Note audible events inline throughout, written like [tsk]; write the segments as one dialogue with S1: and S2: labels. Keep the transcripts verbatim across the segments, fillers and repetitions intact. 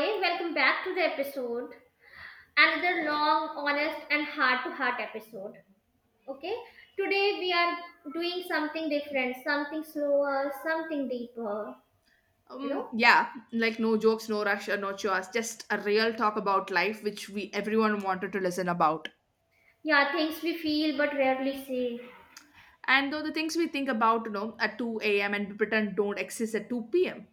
S1: Hey, welcome back to the episode. Another long, honest, and heart to heart episode. Okay, today we are doing something different, something slower, something deeper. You know,
S2: Um, yeah, like no jokes, no rush, or no chores, just a real talk about life, which we everyone wanted to listen about.
S1: yeah, things we feel but rarely say.
S2: And though the things we think about, you know, at two a m and pretend don't exist at two p m.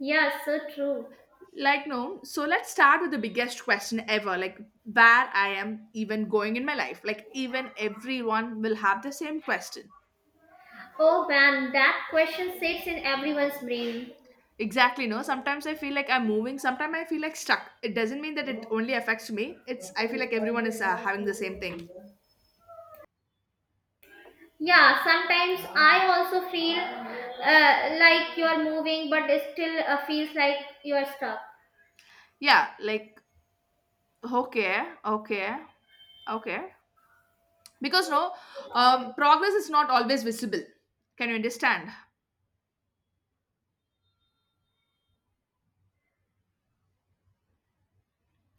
S1: Yeah, so true.
S2: Like no, so let's start with the biggest question ever, like where I am even going in my life. Like even everyone will have the same question.
S1: Oh man, that question sits in everyone's brain.
S2: Exactly, no. Sometimes I feel like I'm moving. Sometimes I feel like stuck. It doesn't mean that it only affects me. It's I feel like everyone is uh, having the same thing.
S1: Yeah, sometimes I also feel uh, like you're moving, but it still uh, feels like you're stuck.
S2: Yeah, like okay, okay, okay. Because no, um, progress is not always visible. Can you understand?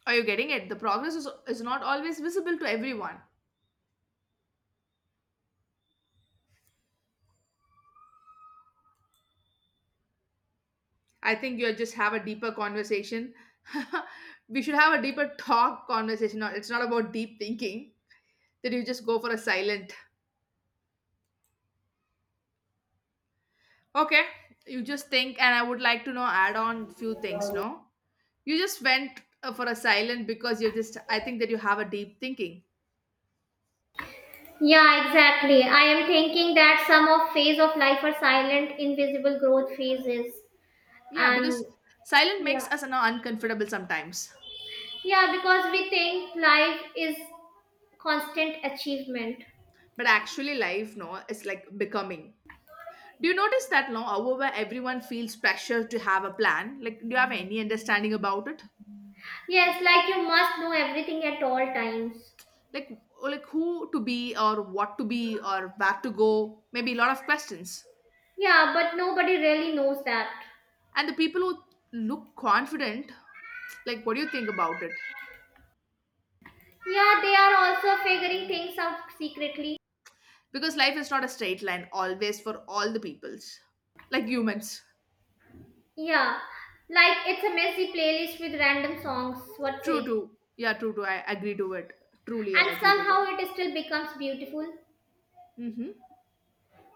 S2: Are you getting it? The progress is, is not always visible to everyone. I think you just have a deeper conversation. [laughs] We should have a deeper talk conversation. No, it's not about deep thinking that you just go for a silent. Okay, you just think, and I would like to know add on few things. No, you just went uh, for a silent because you just. I think that you have a deep thinking.
S1: Yeah, exactly. I am thinking that some of phase of life are silent, invisible growth phases.
S2: Yeah,
S1: And
S2: because silent makes
S1: yeah,
S2: us you know, uncomfortable sometimes.
S1: yeah, because we think life is constant achievement.
S2: But actually, life, no, it's like becoming. Do you notice that now, however, everyone feels pressure to have a plan? Like, do you have any understanding about it?
S1: Yes, like you must know everything at all times.
S2: Like, oh, like who to be or what to be or where to go? Maybe a lot of questions.
S1: Yeah, but nobody really knows that.
S2: And the people who look confident, like, what do you think about it?
S1: Yeah, they are also figuring things out secretly.
S2: Because life is not a straight line always for all the peoples, like humans.
S1: Yeah, like it's a messy playlist with random songs, what
S2: True,
S1: say?
S2: true. Yeah, true, true. I agree to it. Truly, I
S1: And
S2: agree to it.
S1: somehow it still becomes beautiful.
S2: Mm-hmm.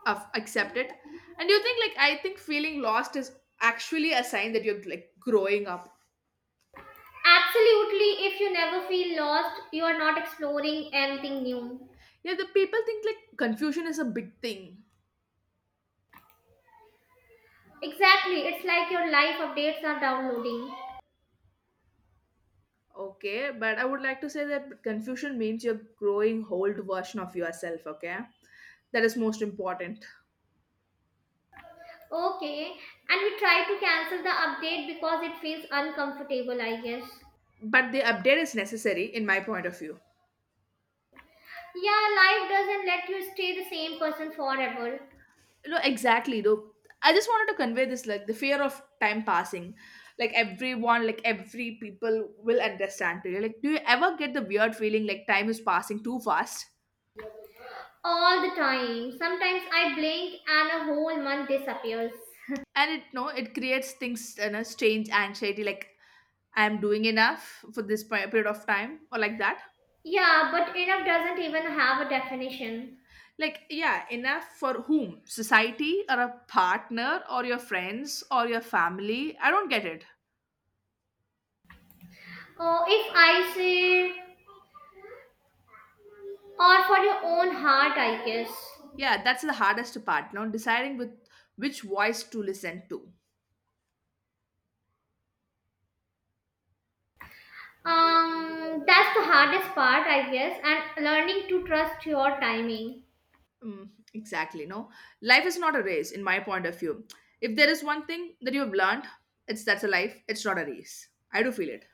S2: Of accept it. And you think like I think feeling lost is actually a sign that you're like growing up.
S1: Absolutely, if you never feel lost, you are not exploring anything new.
S2: Yeah, the people think like confusion is a big thing.
S1: Exactly, it's like your life updates are downloading.
S2: Okay, but I would like to say that confusion means you're growing old version of yourself, okay? That is most important.
S1: Okay, and we try to cancel the update because it feels uncomfortable, I guess.
S2: But the update is necessary in my point of view.
S1: Yeah, life doesn't let you stay the same person forever.
S2: No, exactly, no, I just wanted to convey this, like the fear of time passing, like everyone, like every people will understand today, like do you ever get the weird feeling like time is passing too fast?
S1: All the time. Sometimes I blink and a whole month disappears.
S2: And it, no, it creates things, you know strange anxiety, like I am doing enough for this pe- period of time or like that.
S1: Yeah, but enough doesn't even have a definition.
S2: Like yeah, enough for whom? Society or a partner or your friends or your family? I don't get it.
S1: Oh, if I say, or for your own heart, I guess.
S2: Yeah, that's the hardest part now, deciding with which voice to listen to.
S1: Um, that's the hardest part, I guess, and learning to trust your timing.
S2: Mm, exactly. No, life is not a race, in my point of view. If there is one thing that you have learned, it's that's a life. It's not a race. I do feel it.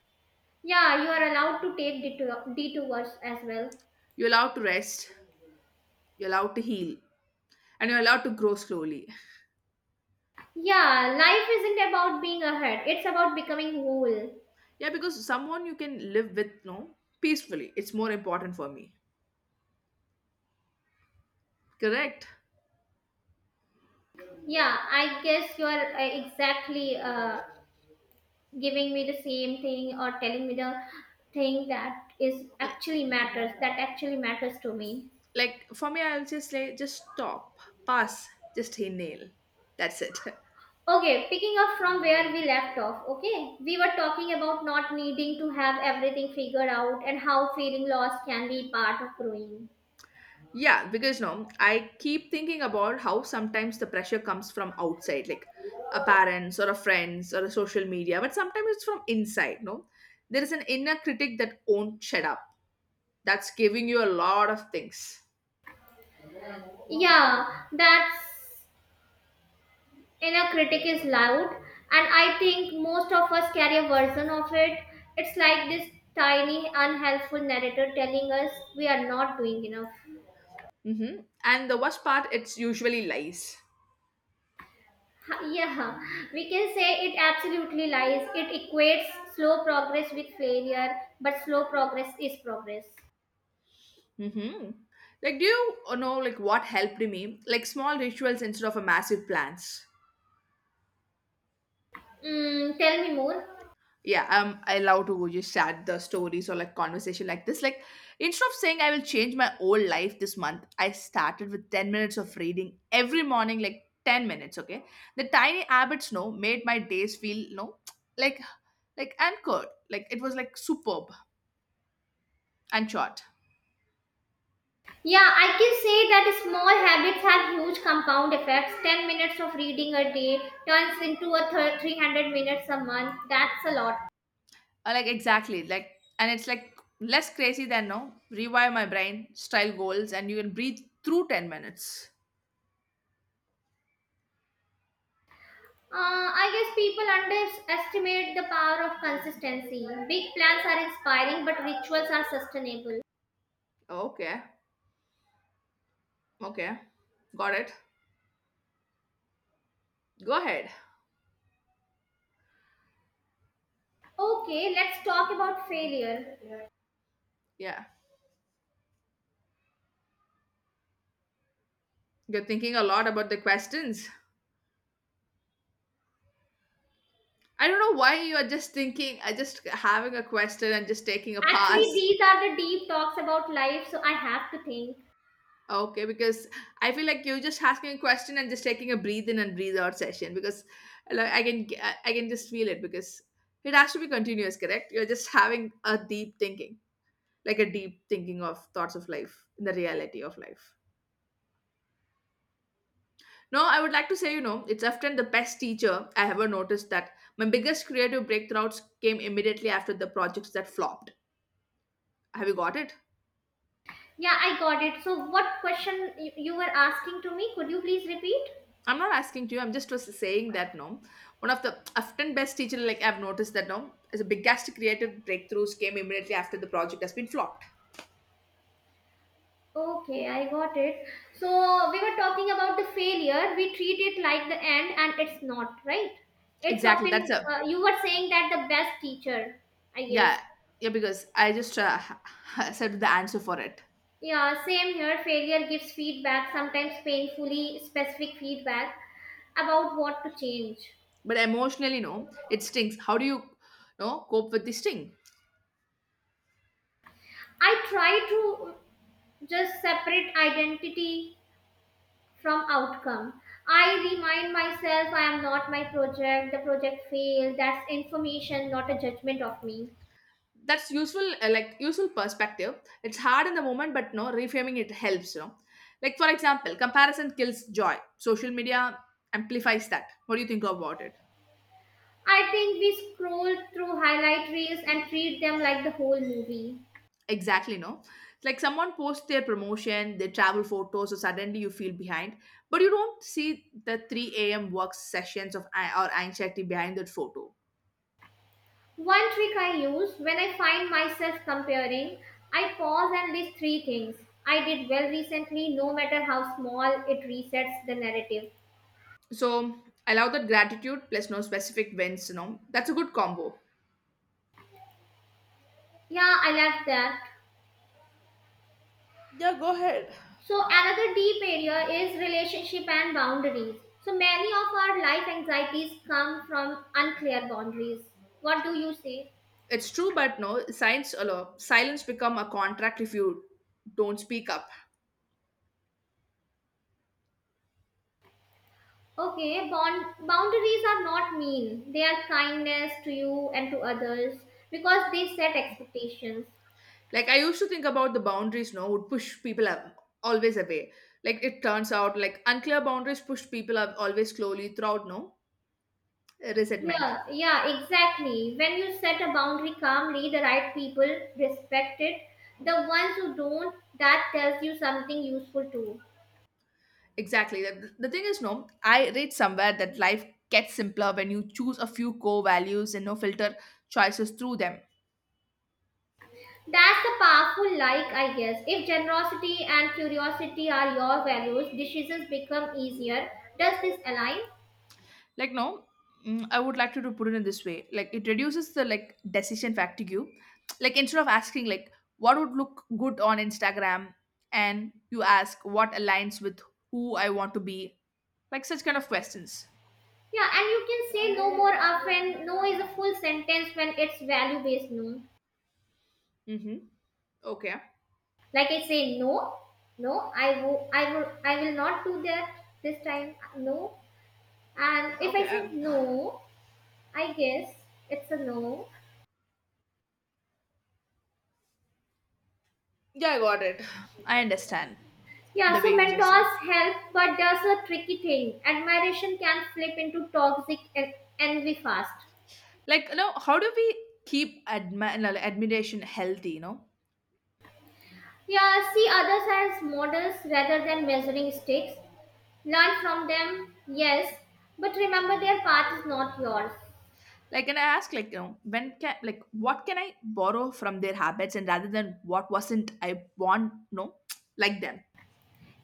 S1: Yeah, you are allowed to take detour- detours as well.
S2: You're allowed to rest. You're allowed to heal, and you're allowed to grow slowly.
S1: Yeah, life isn't about being ahead, it's about becoming whole.
S2: Yeah, because someone you can live with, no, peacefully. It's more important for me. Correct.
S1: Yeah, I guess you are uh, exactly uh, giving me the same thing or telling me the thing that is actually matters, that actually matters to me.
S2: Like for me, I'll just say, just stop, pass, just inhale. That's it. [laughs]
S1: Okay, picking up from where we left off, okay? We were talking about not needing to have everything figured out and how feeling lost can be part of growing.
S2: Yeah, because no, I keep thinking about how sometimes the pressure comes from outside, like a parents or a friends or a social media, but sometimes it's from inside, no? There is an inner critic that won't shut up. That's giving you a lot of things.
S1: Yeah, that's inner critic is loud, and I think most of us carry a version of it. It's like this tiny, unhelpful narrator telling us we are not doing enough.
S2: Mm-hmm. And the worst part, it's usually lies.
S1: Ha- Yeah, we can say it absolutely lies. It equates slow progress with failure, but slow progress is progress.
S2: Mm-hmm. Like, do you know, like, what helped me? Like, small rituals instead of a massive plans.
S1: Mm, tell me more.
S2: Yeah, I'm I love to just share the stories or like conversation like this. Like instead of saying I will change my whole life this month, I started with ten minutes of reading every morning, like ten minutes, okay? The tiny habits no made my days feel no like like anchored. Like it was like superb and short.
S1: Yeah, I can say that small habits have huge compound effects. ten minutes of reading a day turns into a thir- three hundred minutes a month. That's a lot.
S2: Uh, like exactly, like and it's like less crazy than no rewire my brain, style goals, and you can breathe through ten minutes.
S1: Uh, I guess people underestimate the power of consistency. Big plans are inspiring, but rituals are sustainable.
S2: Okay. Okay. Got it. Go ahead.
S1: Okay, let's talk about failure.
S2: Yeah. You're thinking a lot about the questions. I don't know why you are just thinking, I just having a question and just taking a
S1: Actually,
S2: pass.
S1: these are the deep talks about life, so I have to think.
S2: Okay, because I feel like you're just asking a question and just taking a breathe in and breathe out session because like, I can g- I I can just feel it because it has to be continuous, correct? You're just having a deep thinking, like a deep thinking of thoughts of life, the reality of life. No, I would like to say, you know, it's often the best teacher. I ever noticed that my biggest creative breakthroughs came immediately after the projects that flopped. Have you got it?
S1: Yeah, I got it. So, what question y- you were asking to me? Could you please repeat?
S2: I'm not asking to you. I'm just was saying that no, one of the often best teacher like I've noticed that no, as a biggest creative breakthroughs came immediately after the project has been flopped.
S1: Okay, I got it. So we were talking about the failure. We treat it like the end, and it's not, right? It's
S2: Exactly. That's
S1: often
S2: a
S1: uh, you were saying that the best teacher, I guess.
S2: yeah, yeah, because I just uh, [laughs] said the answer for it.
S1: Yeah, same here. Failure gives feedback, sometimes painfully specific feedback about what to change.
S2: But emotionally, no, it stings. How do you, no, cope with the sting?
S1: I try to just separate identity from outcome. I remind myself I am not my project. The project failed. That's information, not a judgment of me.
S2: That's useful, uh, like useful perspective. It's hard in the moment, but no reframing it helps, you know like for example comparison kills joy, social media amplifies that. What do you think about it?
S1: I think we scroll through highlight reels and treat them like the whole movie.
S2: Exactly, no, like someone posts their promotion, their travel photos, so suddenly you feel behind, but you don't see the three a.m work sessions of a- or anxiety behind that photo.
S1: One trick I use when I find myself comparing, I pause and list three things I did well recently, no matter how small, it resets the narrative.
S2: So allow that gratitude plus no specific wins, you know that's a good combo.
S1: Yeah, I love that. So, another deep area is relationship and boundaries. So, many of our life anxieties come from unclear boundaries. What do you say?
S2: It's true, but no, science allow silence become a contract if you don't speak up.
S1: Okay, bond, boundaries are not mean. They are kindness to you and to others because they set expectations.
S2: Like I used to think about the boundaries, no, would push people up, always away. Like it turns out, like unclear boundaries push people up always slowly throughout, no, uh, resentment.
S1: Yeah, yeah, exactly. When you set a boundary calmly, the right people respect it. The ones who don't, that tells you something useful too.
S2: Exactly. The, the thing is, no, I read somewhere that life gets simpler when you choose a few core values and no filter choices through them.
S1: That's the powerful like, I guess. If generosity and curiosity are your values, decisions become easier. Does this align?
S2: Like no, mm, I would like to do- put it in this way, like it reduces the like decision fatigue. Like instead of asking like what would look good on Instagram, and you ask what aligns with who I want to be, like such kind of questions.
S1: Yeah, and you can say no more often. No is a full sentence when it's value based no.
S2: Mm-hmm. Okay,
S1: Like I say no, no, I will, I will, I will not do that this time. No, and if I
S2: okay
S1: say
S2: I,
S1: no, I guess it's a no.
S2: yeah, I got it. [sighs] I understand
S1: Yeah,
S2: the way
S1: so
S2: you just said,
S1: mentors help, but there's a tricky thing. Admiration can flip into toxic en- envy fast.
S2: like you know how do we keep admi- no, like, admiration healthy, you know
S1: Yeah, see others as models rather than measuring sticks. Learn from them, yes, but remember their path is not yours.
S2: Like, and I ask, like, you know, when can, like, what can I borrow from their habits, and rather than what wasn't I want, no, [tsk] like them.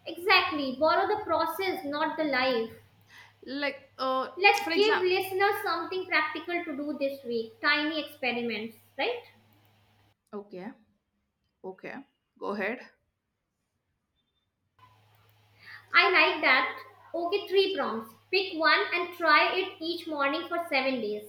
S1: Exactly, borrow the process, not the life.
S2: Like, uh, for
S1: Let's give
S2: example,
S1: listeners something practical to do this week tiny experiments, right?
S2: okay, okay, go ahead.
S1: I like that. Okay, three prompts. Pick one and try it each morning for seven days.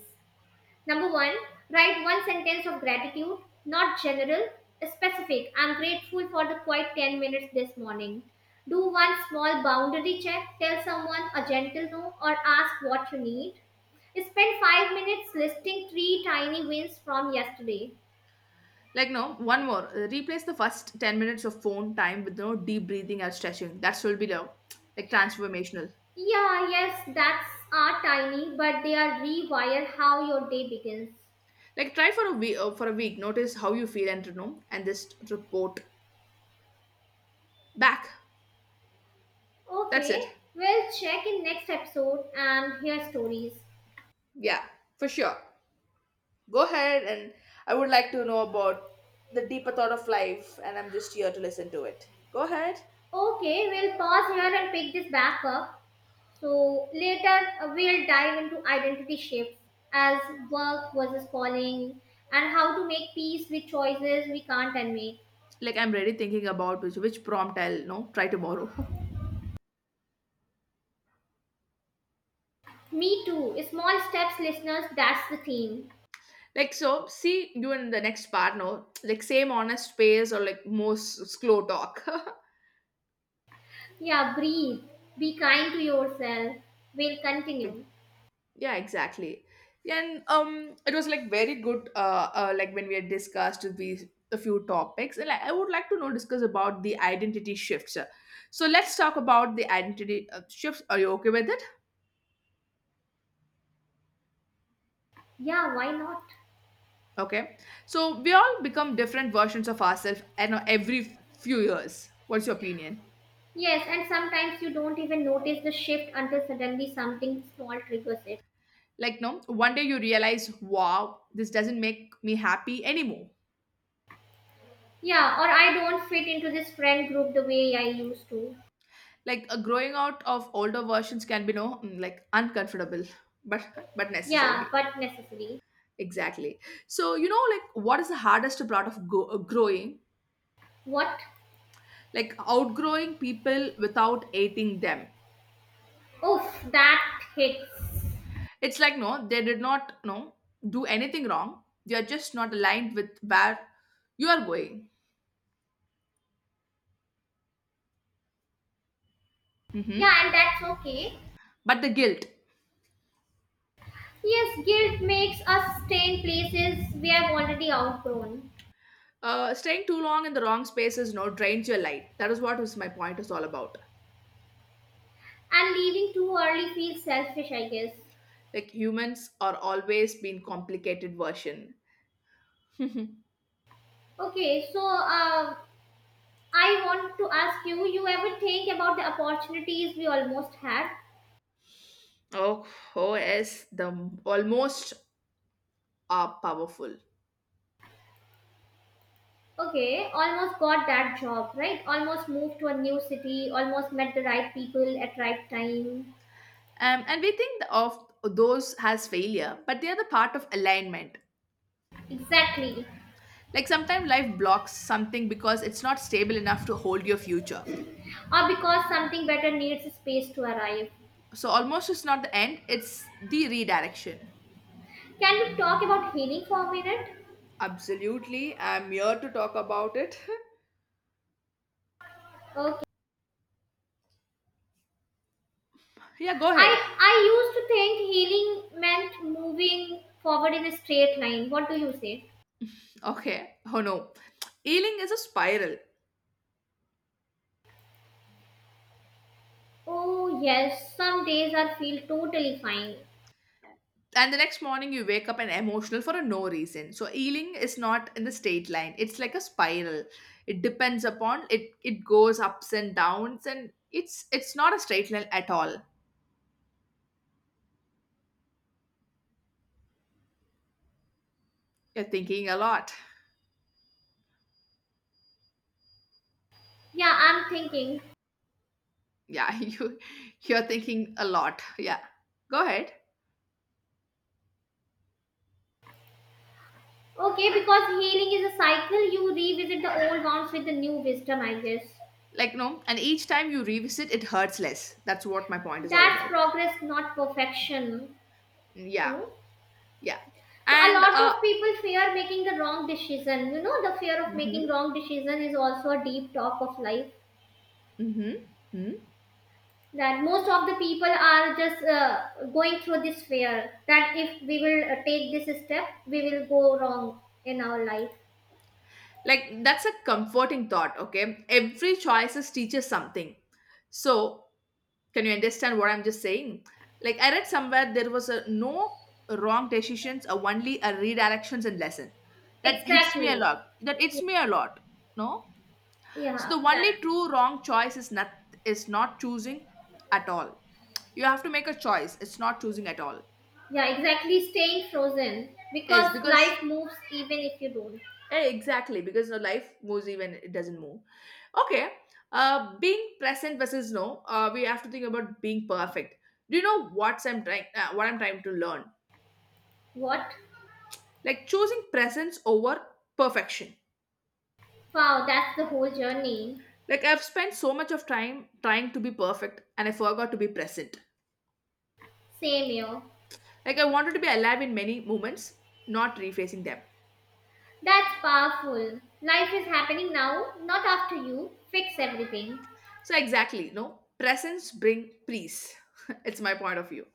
S1: Number one, write one sentence of gratitude, not general, specific. I'm grateful for the quiet ten minutes this morning. Do one small boundary check, tell someone a gentle no, or ask what you need. Spend five minutes listing three tiny wins from yesterday.
S2: Like, no, one more. Uh, Replace the first ten minutes of phone time with no deep breathing or stretching. That will be the like transformational.
S1: Yeah, yes, that's are tiny, but they are rewire how your day begins.
S2: Like, try for a week. Uh, for a week, notice how you feel and you know, and just report back. That's
S1: Okay,
S2: it.
S1: we'll check in next episode and hear stories.
S2: Yeah, for sure. Go ahead, and I would like to know about the deeper thought of life, and I'm just here to listen to it. Go ahead.
S1: Okay, we'll pause here and pick this back up. So later uh, we'll dive into identity shifts as work versus calling and how to make peace with choices we can't unmake.
S2: Like I'm really thinking about which which prompt I'll no try tomorrow. [laughs]
S1: Me too. Small steps, listeners, that's the theme.
S2: Like so, see you in the next part, no, like same honest pace or like most slow talk. [laughs] Like,
S1: Yeah, breathe. Be kind to yourself. We'll continue.
S2: yeah exactly, yeah, and um it was like very good, uh, uh like when we had discussed these a few topics and like, I would like to know discuss about the identity shifts. So let's talk about the identity uh, shifts. Are you okay with it?
S1: Yeah, why not?
S2: Okay. So we all become different versions of ourselves and every few years. What's your opinion?
S1: Yes, and sometimes you don't even notice the shift until suddenly something small triggers it.
S2: Like no, one day you realize, wow, this doesn't make me happy anymore.
S1: Yeah, or I don't fit into this friend group the way I used to.
S2: Like a growing out of older versions can be no, mm, like uncomfortable, but but
S1: Yeah,
S2: necessary.
S1: but necessary.
S2: Exactly. So you know, like what is the hardest part of go- growing?
S1: What?
S2: Like outgrowing people without hating them.
S1: Oof, that hits.
S2: It's like no, they did not no do anything wrong. They are just not aligned with where you are going. Hmm.
S1: Yeah, and that's okay.
S2: But the guilt,
S1: Yes, guilt makes us stay in places we have already outgrown.
S2: uh, staying too long in the wrong spaces, no drains your light. That is what is my point is all about.
S1: And leaving too early feels selfish, I guess.
S2: Like humans are always been complicated version. Mhm.
S1: Okay, so uh, I want to ask you you ever think about the opportunities we almost had?
S2: Oh, oh, O S the m- almost are powerful.
S1: Okay, almost got that job, right? Almost moved to a new city, almost met the right people at right time.
S2: Um, and we think of those as failure, but they are the part of alignment.
S1: Exactly.
S2: Like sometimes life blocks something because it's not stable enough to hold your future.
S1: Or because something better needs space to arrive.
S2: So almost it's not the end, it's the redirection.
S1: Can we talk about healing for a minute?
S2: Absolutely. I'm here to talk about it.
S1: Okay.
S2: [laughs] Yeah, go ahead.
S1: I I used to think healing meant moving forward in a straight line. What do you say?
S2: Okay. Oh no. Healing is a spiral.
S1: Oh yes, some days I feel totally fine.
S2: And the next morning you wake up and emotional for a no reason. So healing is not in the straight line. It's like a spiral. It depends upon it it goes ups and downs and it's it's not a straight line at all. You're thinking a lot.
S1: Yeah, I'm thinking.
S2: Yeah, [laughs] you you're thinking a lot. Yeah, go ahead.
S1: Okay, because healing is a cycle, you revisit the old wounds with the new wisdom, I guess.
S2: Like, no, and each time you revisit, it hurts less. That's what my point is all
S1: That's
S2: about.
S1: progress, not perfection.
S2: Mm,
S1: You
S2: yeah.
S1: know?
S2: Yeah.
S1: So a
S2: And
S1: lot
S2: uh
S1: of people fear making the wrong decision. You know, the fear of making
S2: hmm.
S1: wrong decision is also a deep talk of life
S2: Hmm. Hmm.
S1: that most of the people are just uh, going through this fear that if we will uh, take this step we will go wrong in our life.
S2: Like, that's a comforting thought. Okay, every choices teaches something. So can you understand what I'm just saying? Like, I read somewhere there was a no wrong decisions or only a redirections and lesson. That hits me a
S1: Exactly.
S2: lot. That hits me a lot. No. So the
S1: Yeah, that.
S2: only true wrong choice is not is not choosing at all. You have to make a choice. It's not choosing at all.
S1: Yeah, exactly, staying frozen
S2: Yes,
S1: because
S2: because,
S1: life moves even if you don't.
S2: eh, exactly, because your life moves even it doesn't move. Okay, uh, being present versus no. Uh, we have to think about being perfect. Do you know what's I'm trying? Uh, what I'm trying to learn?
S1: What?
S2: Like choosing presence over perfection.
S1: Wow, that's the whole journey.
S2: Like I've spent so much of time trying to be perfect, and I forgot to be present.
S1: Same here.
S2: Like I wanted to be alive in many moments, not refacing them.
S1: That's powerful, life is happening now not after you fix everything.
S2: So exactly, no, presence bring peace. [laughs] It's my point of view.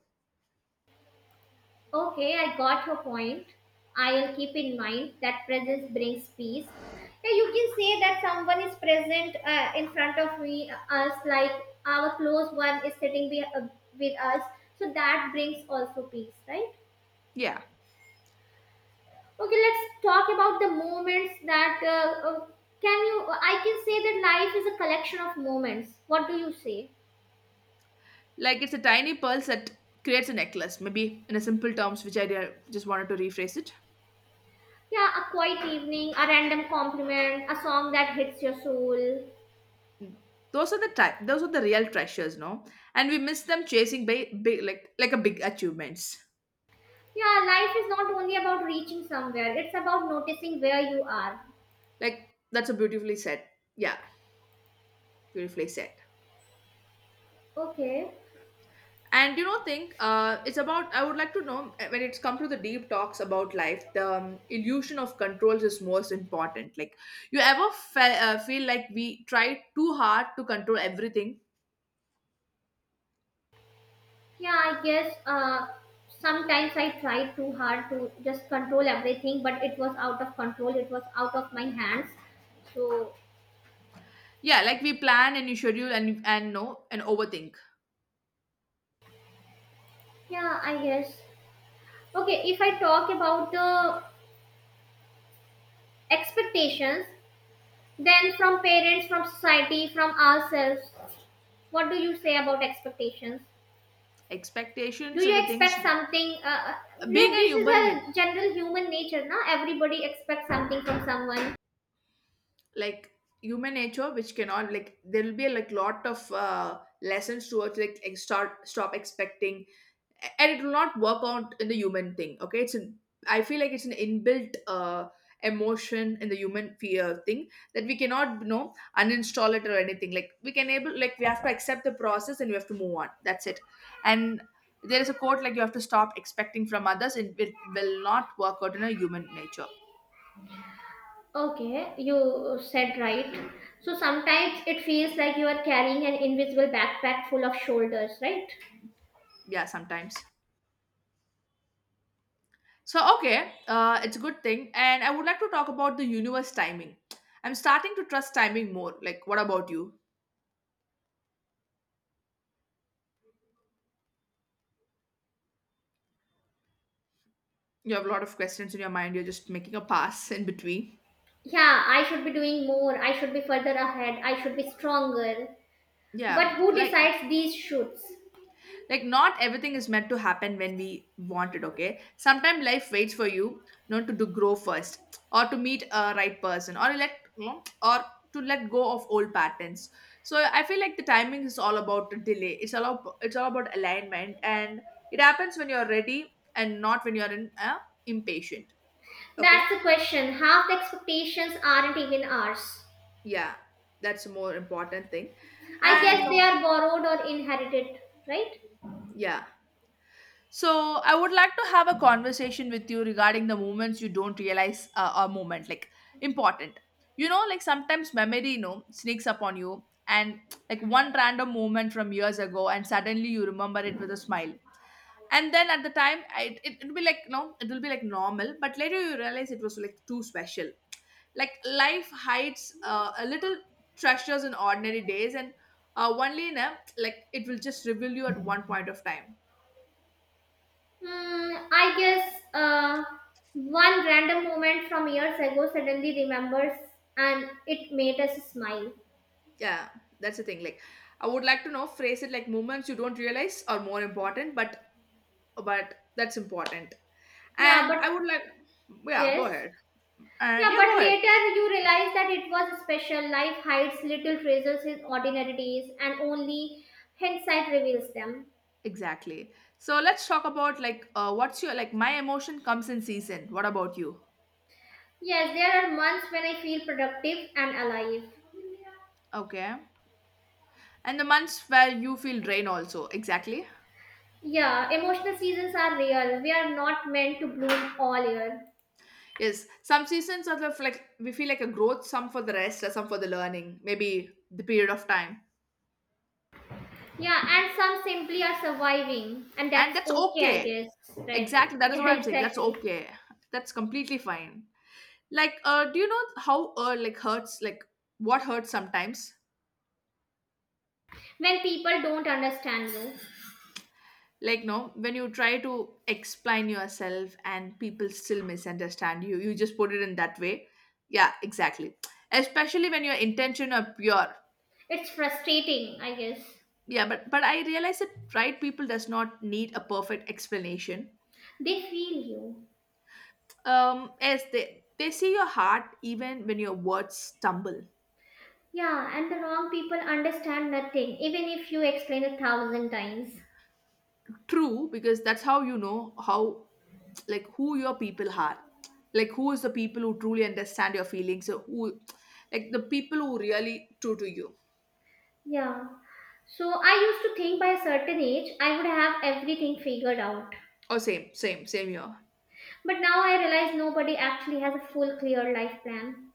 S1: Okay, I got your point. I'll keep in mind that presence brings peace. Yeah, you can say that someone is present uh, in front of me, uh, us, like our close one is sitting be- uh, with us. So that brings also peace, right?
S2: Yeah,
S1: Okay, let's talk about the moments that uh, uh, can you. I can say that life is a collection of moments. What do you say?
S2: like it's a tiny pulse that creates a necklace. Maybe in a simple terms, which I did- just wanted to rephrase it.
S1: Yeah, a quiet evening, a random compliment, a song that hits your soul.
S2: Those are the ti- those are the real treasures, no? And we miss them chasing big, big, like like a big achievements.
S1: Yeah, life is not only about reaching somewhere, it's about noticing where you are.
S2: Like, that's a beautifully said. Yeah, beautifully said.
S1: Okay.
S2: And you know think, uh, it's about. I would like to know, uh, when it's come to the deep talks about life, the um, illusion of controls is most important. Like you ever fe- uh, feel like we try too hard to control everything?
S1: Yeah, I guess uh, sometimes I tried too hard to just control everything, but it was out of control, it was out of my hands. So,
S2: Yeah, like we plan and you schedule and and no and overthink.
S1: yeah, I guess. Okay, if I talk about the expectations, then from parents, from society, from ourselves, what do you say about expectations? Do
S2: Expectations are
S1: you
S2: the things,
S1: expect something uh,
S2: being
S1: yeah,
S2: a
S1: this is
S2: human being,
S1: a general human nature na. Everybody expects something from someone.
S2: like human nature, which cannot, like, there will be like lot of uh, lessons towards, like, ex- start, stop expecting. And it will not work out in the human thing. Okay, it's an, I feel like it's an inbuilt uh emotion in the human fear thing, that we cannot, you know uninstall it or anything. Like we can able, like we have to accept the process and we have to move on. That's it. And there is a quote like you have to stop expecting from others. It will, will not work out in a human nature.
S1: Okay, you said right. So sometimes it feels like you are carrying an invisible backpack full of shoulders, right?
S2: Yeah, sometimes. So, okay, uh, it's a good thing and I would like to talk about the universe timing. I'm starting to trust timing more, like what about you? You have a lot of questions in your mind, you're just making a pass in between.
S1: Yeah, I should be doing more, I should be further ahead, I should be stronger,
S2: Yeah,
S1: but who
S2: like
S1: decides these shoots?
S2: like not everything is meant to happen when we want it. Okay, sometimes life waits for you, not to do grow first, or to meet a right person, or let you know, or to let go of old patterns. So I feel like the timing is all about the delay. It's all about, it's all about alignment, and it happens when you're ready and not when you're in, uh, impatient. Okay.
S1: That's the question, half the expectations aren't even ours,
S2: Yeah, that's a more important thing.
S1: I guess
S2: And,
S1: they
S2: uh,
S1: are borrowed or inherited, right?
S2: yeah. So I would like to have a conversation with you regarding the moments you don't realize uh, are moment, like, important. You know, like sometimes memory, you know, sneaks up on you, and like one random moment from years ago, and suddenly you remember it with a smile. And then at the time, I, it it will be like no, it will be like normal, but later you realize it was like too special. Like life hides uh, a little treasures in ordinary days, and uh, only in a, like, it will just reveal you at one point of time.
S1: Hmm, I guess uh, one random moment from years ago suddenly remembers and it made us smile.
S2: Yeah, that's the thing. Like, I would like to know phrase it, like moments you don't realize are more important, but but that's important.
S1: Yeah,
S2: And I would
S1: but
S2: like, yeah, go
S1: yes.
S2: ahead. And
S1: Yeah,
S2: yeah,
S1: but
S2: go ahead.
S1: later you realize that it was special. Life hides little treasures in ordinary days and only hindsight reveals them.
S2: Exactly. So let's talk about, like, uh, what's your, like, my emotion comes in season. What about you?
S1: Yes, there are months when I feel productive and alive.
S2: Okay. And the months where you feel drain also. Exactly.
S1: Yeah, emotional seasons are real. We are not meant to bloom all year.
S2: Yes. Some seasons are the, like we feel like a growth, some for the rest, or some for the learning. Maybe the period of time.
S1: Yeah, and some simply are surviving, and
S2: And
S1: that's
S2: that's
S1: okay, I
S2: okay.
S1: guess, right?
S2: Exactly, that
S1: Yeah,
S2: is
S1: [laughs]
S2: what I'm saying. That's
S1: exactly.
S2: okay. That's completely fine. Like, uh do you know how, uh like, hurts, like, what hurts sometimes?
S1: When people don't understand you,
S2: Like, no, when you try to explain yourself and people still misunderstand you you just put it in that way. Yeah, exactly, especially when your intention are pure.
S1: it's frustrating, I guess.
S2: Yeah, but but I realize that right people does not need a perfect explanation.
S1: They feel you.
S2: Um as they they see your heart even when your words stumble.
S1: Yeah, and the wrong people understand nothing, even if you explain a thousand times.
S2: True, because that's how you know how, like, who your people are. Like, who is the people who truly understand your feelings? Or who, like, the people who really true to you.
S1: Yeah. So I used to think by a certain age I would have everything figured out.
S2: Oh, same, same, same here.
S1: But now I realize nobody actually has a full, clear life plan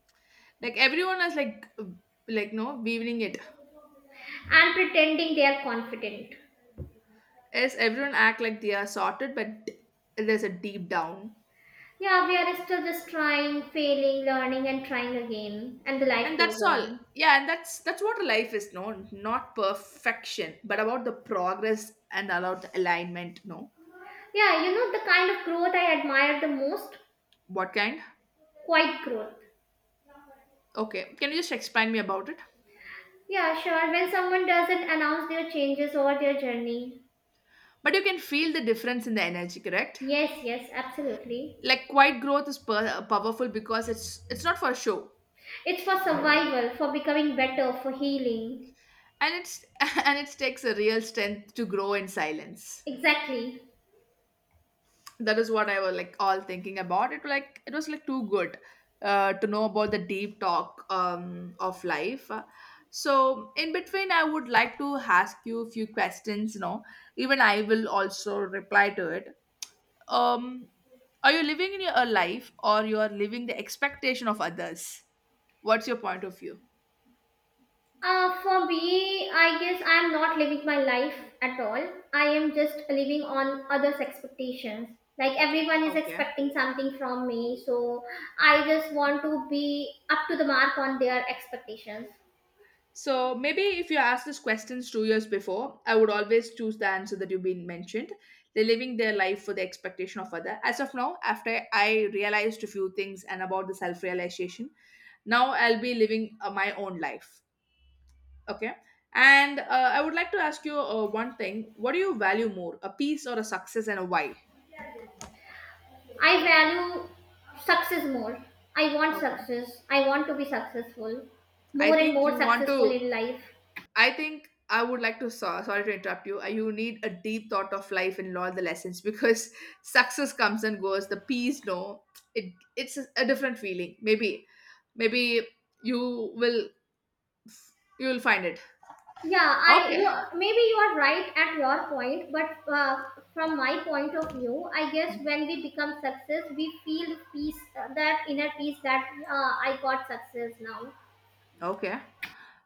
S2: Like, everyone is like, like, no, weaving it.
S1: and pretending they are confident.
S2: Yes, everyone act like they are sorted, but there's a deep down,
S1: Yeah, we are still just trying, failing, learning, and trying again, and the life
S2: and
S1: goes
S2: that's all.
S1: on.
S2: Yeah, and that's that's what life is. No, not perfection, but about the progress and about the alignment. No,
S1: Yeah, you know the kind of growth I admire the most?
S2: what kind?
S1: Quiet growth.
S2: Okay, can you just explain me about it?
S1: Yeah, sure, when someone doesn't announce their changes or their journey.
S2: But you can feel the difference in the energy, correct?
S1: Yes, yes, absolutely.
S2: Like quiet growth is per- powerful because it's it's not for show,
S1: It's for survival, for becoming better, for healing.
S2: and it's [laughs] and it takes a real strength to grow in silence.
S1: Exactly.
S2: That is what I was, like, all thinking about. It, like, it was like too good uh, to know about the deep talk, um, of life. So in between, I would like to ask you a few questions. You know, even I will also reply to it. um are you living in your a life, or you are living the expectation of others? What's your point of view?
S1: Uh, for me, I guess I am not living my life at all. I am just living on others' expectations. Like everyone is
S2: Okay.
S1: expecting something from me, so I just want to be up to the mark on their expectations.
S2: So maybe if you asked these questions two years before, I would always choose the answer that you've been mentioned. They're living their life for the expectation of other. As of now, after I realized a few things and about the self-realization, now I'll be living uh, my own life. Okay. And uh, I would like to ask you, uh, one thing: what do you value more, a peace or a success, and a why?
S1: I value success more. I want
S2: Okay.
S1: success. I want to be successful,
S2: I
S1: more and
S2: think
S1: more
S2: you want
S1: successful
S2: to.
S1: in life.
S2: I think I would like to. so- Sorry to interrupt you. Uh, You need a deep thought of life in all the lessons, because [laughs] success comes and goes. The peace, no, it it's a a different feeling. Maybe, maybe you will, you will find it.
S1: Yeah, I you
S2: Okay.
S1: maybe you are right at your point, but uh, from my point of view, I guess when we become success, we feel peace, uh, that inner peace that uh, I got success now.
S2: Okay.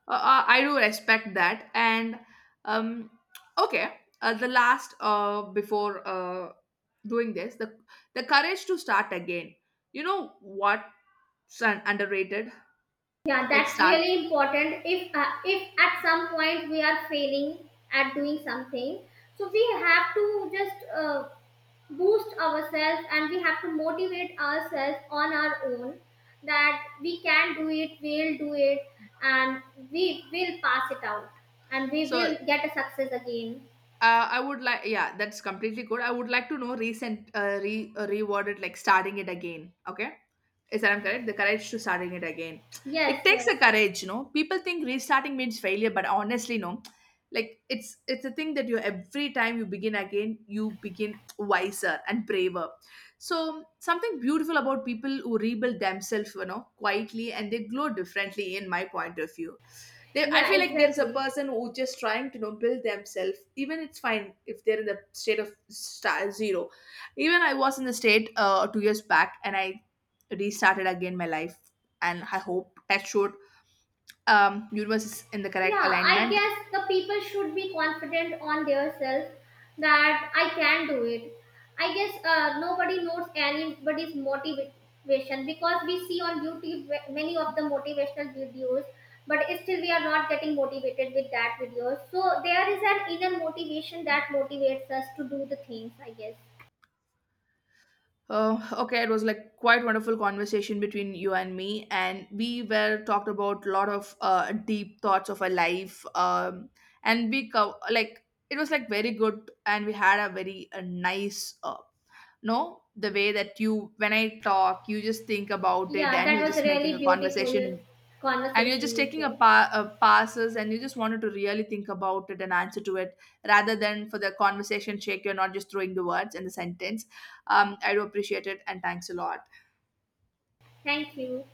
S2: Uh, uh, I do respect that. And, um, okay, uh, the last, uh, before, uh, doing this, the the courage to start again. You know what's un- underrated?
S1: Yeah,
S2: Like
S1: that's
S2: start.
S1: really important. If uh, if at some point we are failing at doing something, so we have to just uh, boost ourselves and we have to motivate ourselves on our own that we can do it, we'll do it, and we will pass it out and we
S2: So, uh,
S1: will get a success again.
S2: I would like, yeah, that's completely good. I would like to know recent, uh, re uh, rewarded, like starting it again. Okay. Is that I'm correct? The courage to starting it again. It
S1: Yes,
S2: takes
S1: yes,
S2: a courage, you know. People think restarting means failure, but honestly, no. Like it's it's a thing that you every time you begin again, you begin wiser and braver. So something beautiful about people who rebuild themselves, you know, quietly and they glow differently in my point of view. They, I
S1: yeah,
S2: feel like there's a
S1: exactly.
S2: person who just trying to you know build themselves. Even it's fine if they're in the state of star zero. Even I was in the state uh, two years back, and I restarted again my life. And I hope that showed um, universe is in the correct
S1: Yeah, I
S2: alignment.
S1: guess the people should be confident on their self that I can do it. I guess uh, nobody knows anybody's motivation because we see on YouTube ve- many of the motivational videos, but still we are not getting motivated with that video. So there is an inner motivation that motivates us to do the things, I guess.
S2: Uh, okay, it was like quite wonderful conversation between you and me, and we were talked about a lot of uh, deep thoughts of our life, um, and we co- like it was like very good, and we had a very uh nice, uh, no, the way that you when I talk, you just think about it
S1: Yeah,
S2: and
S1: that
S2: you're
S1: was a
S2: just making
S1: really
S2: a
S1: beautiful
S2: conversation, and you're
S1: conversation
S2: just
S1: with
S2: taking a,
S1: you.
S2: pa- a passes and you just wanted to really think about it and answer to it, rather than for the conversation shake you're not just throwing the words and the sentence. um, I do appreciate it and thanks a lot.
S1: Thank you.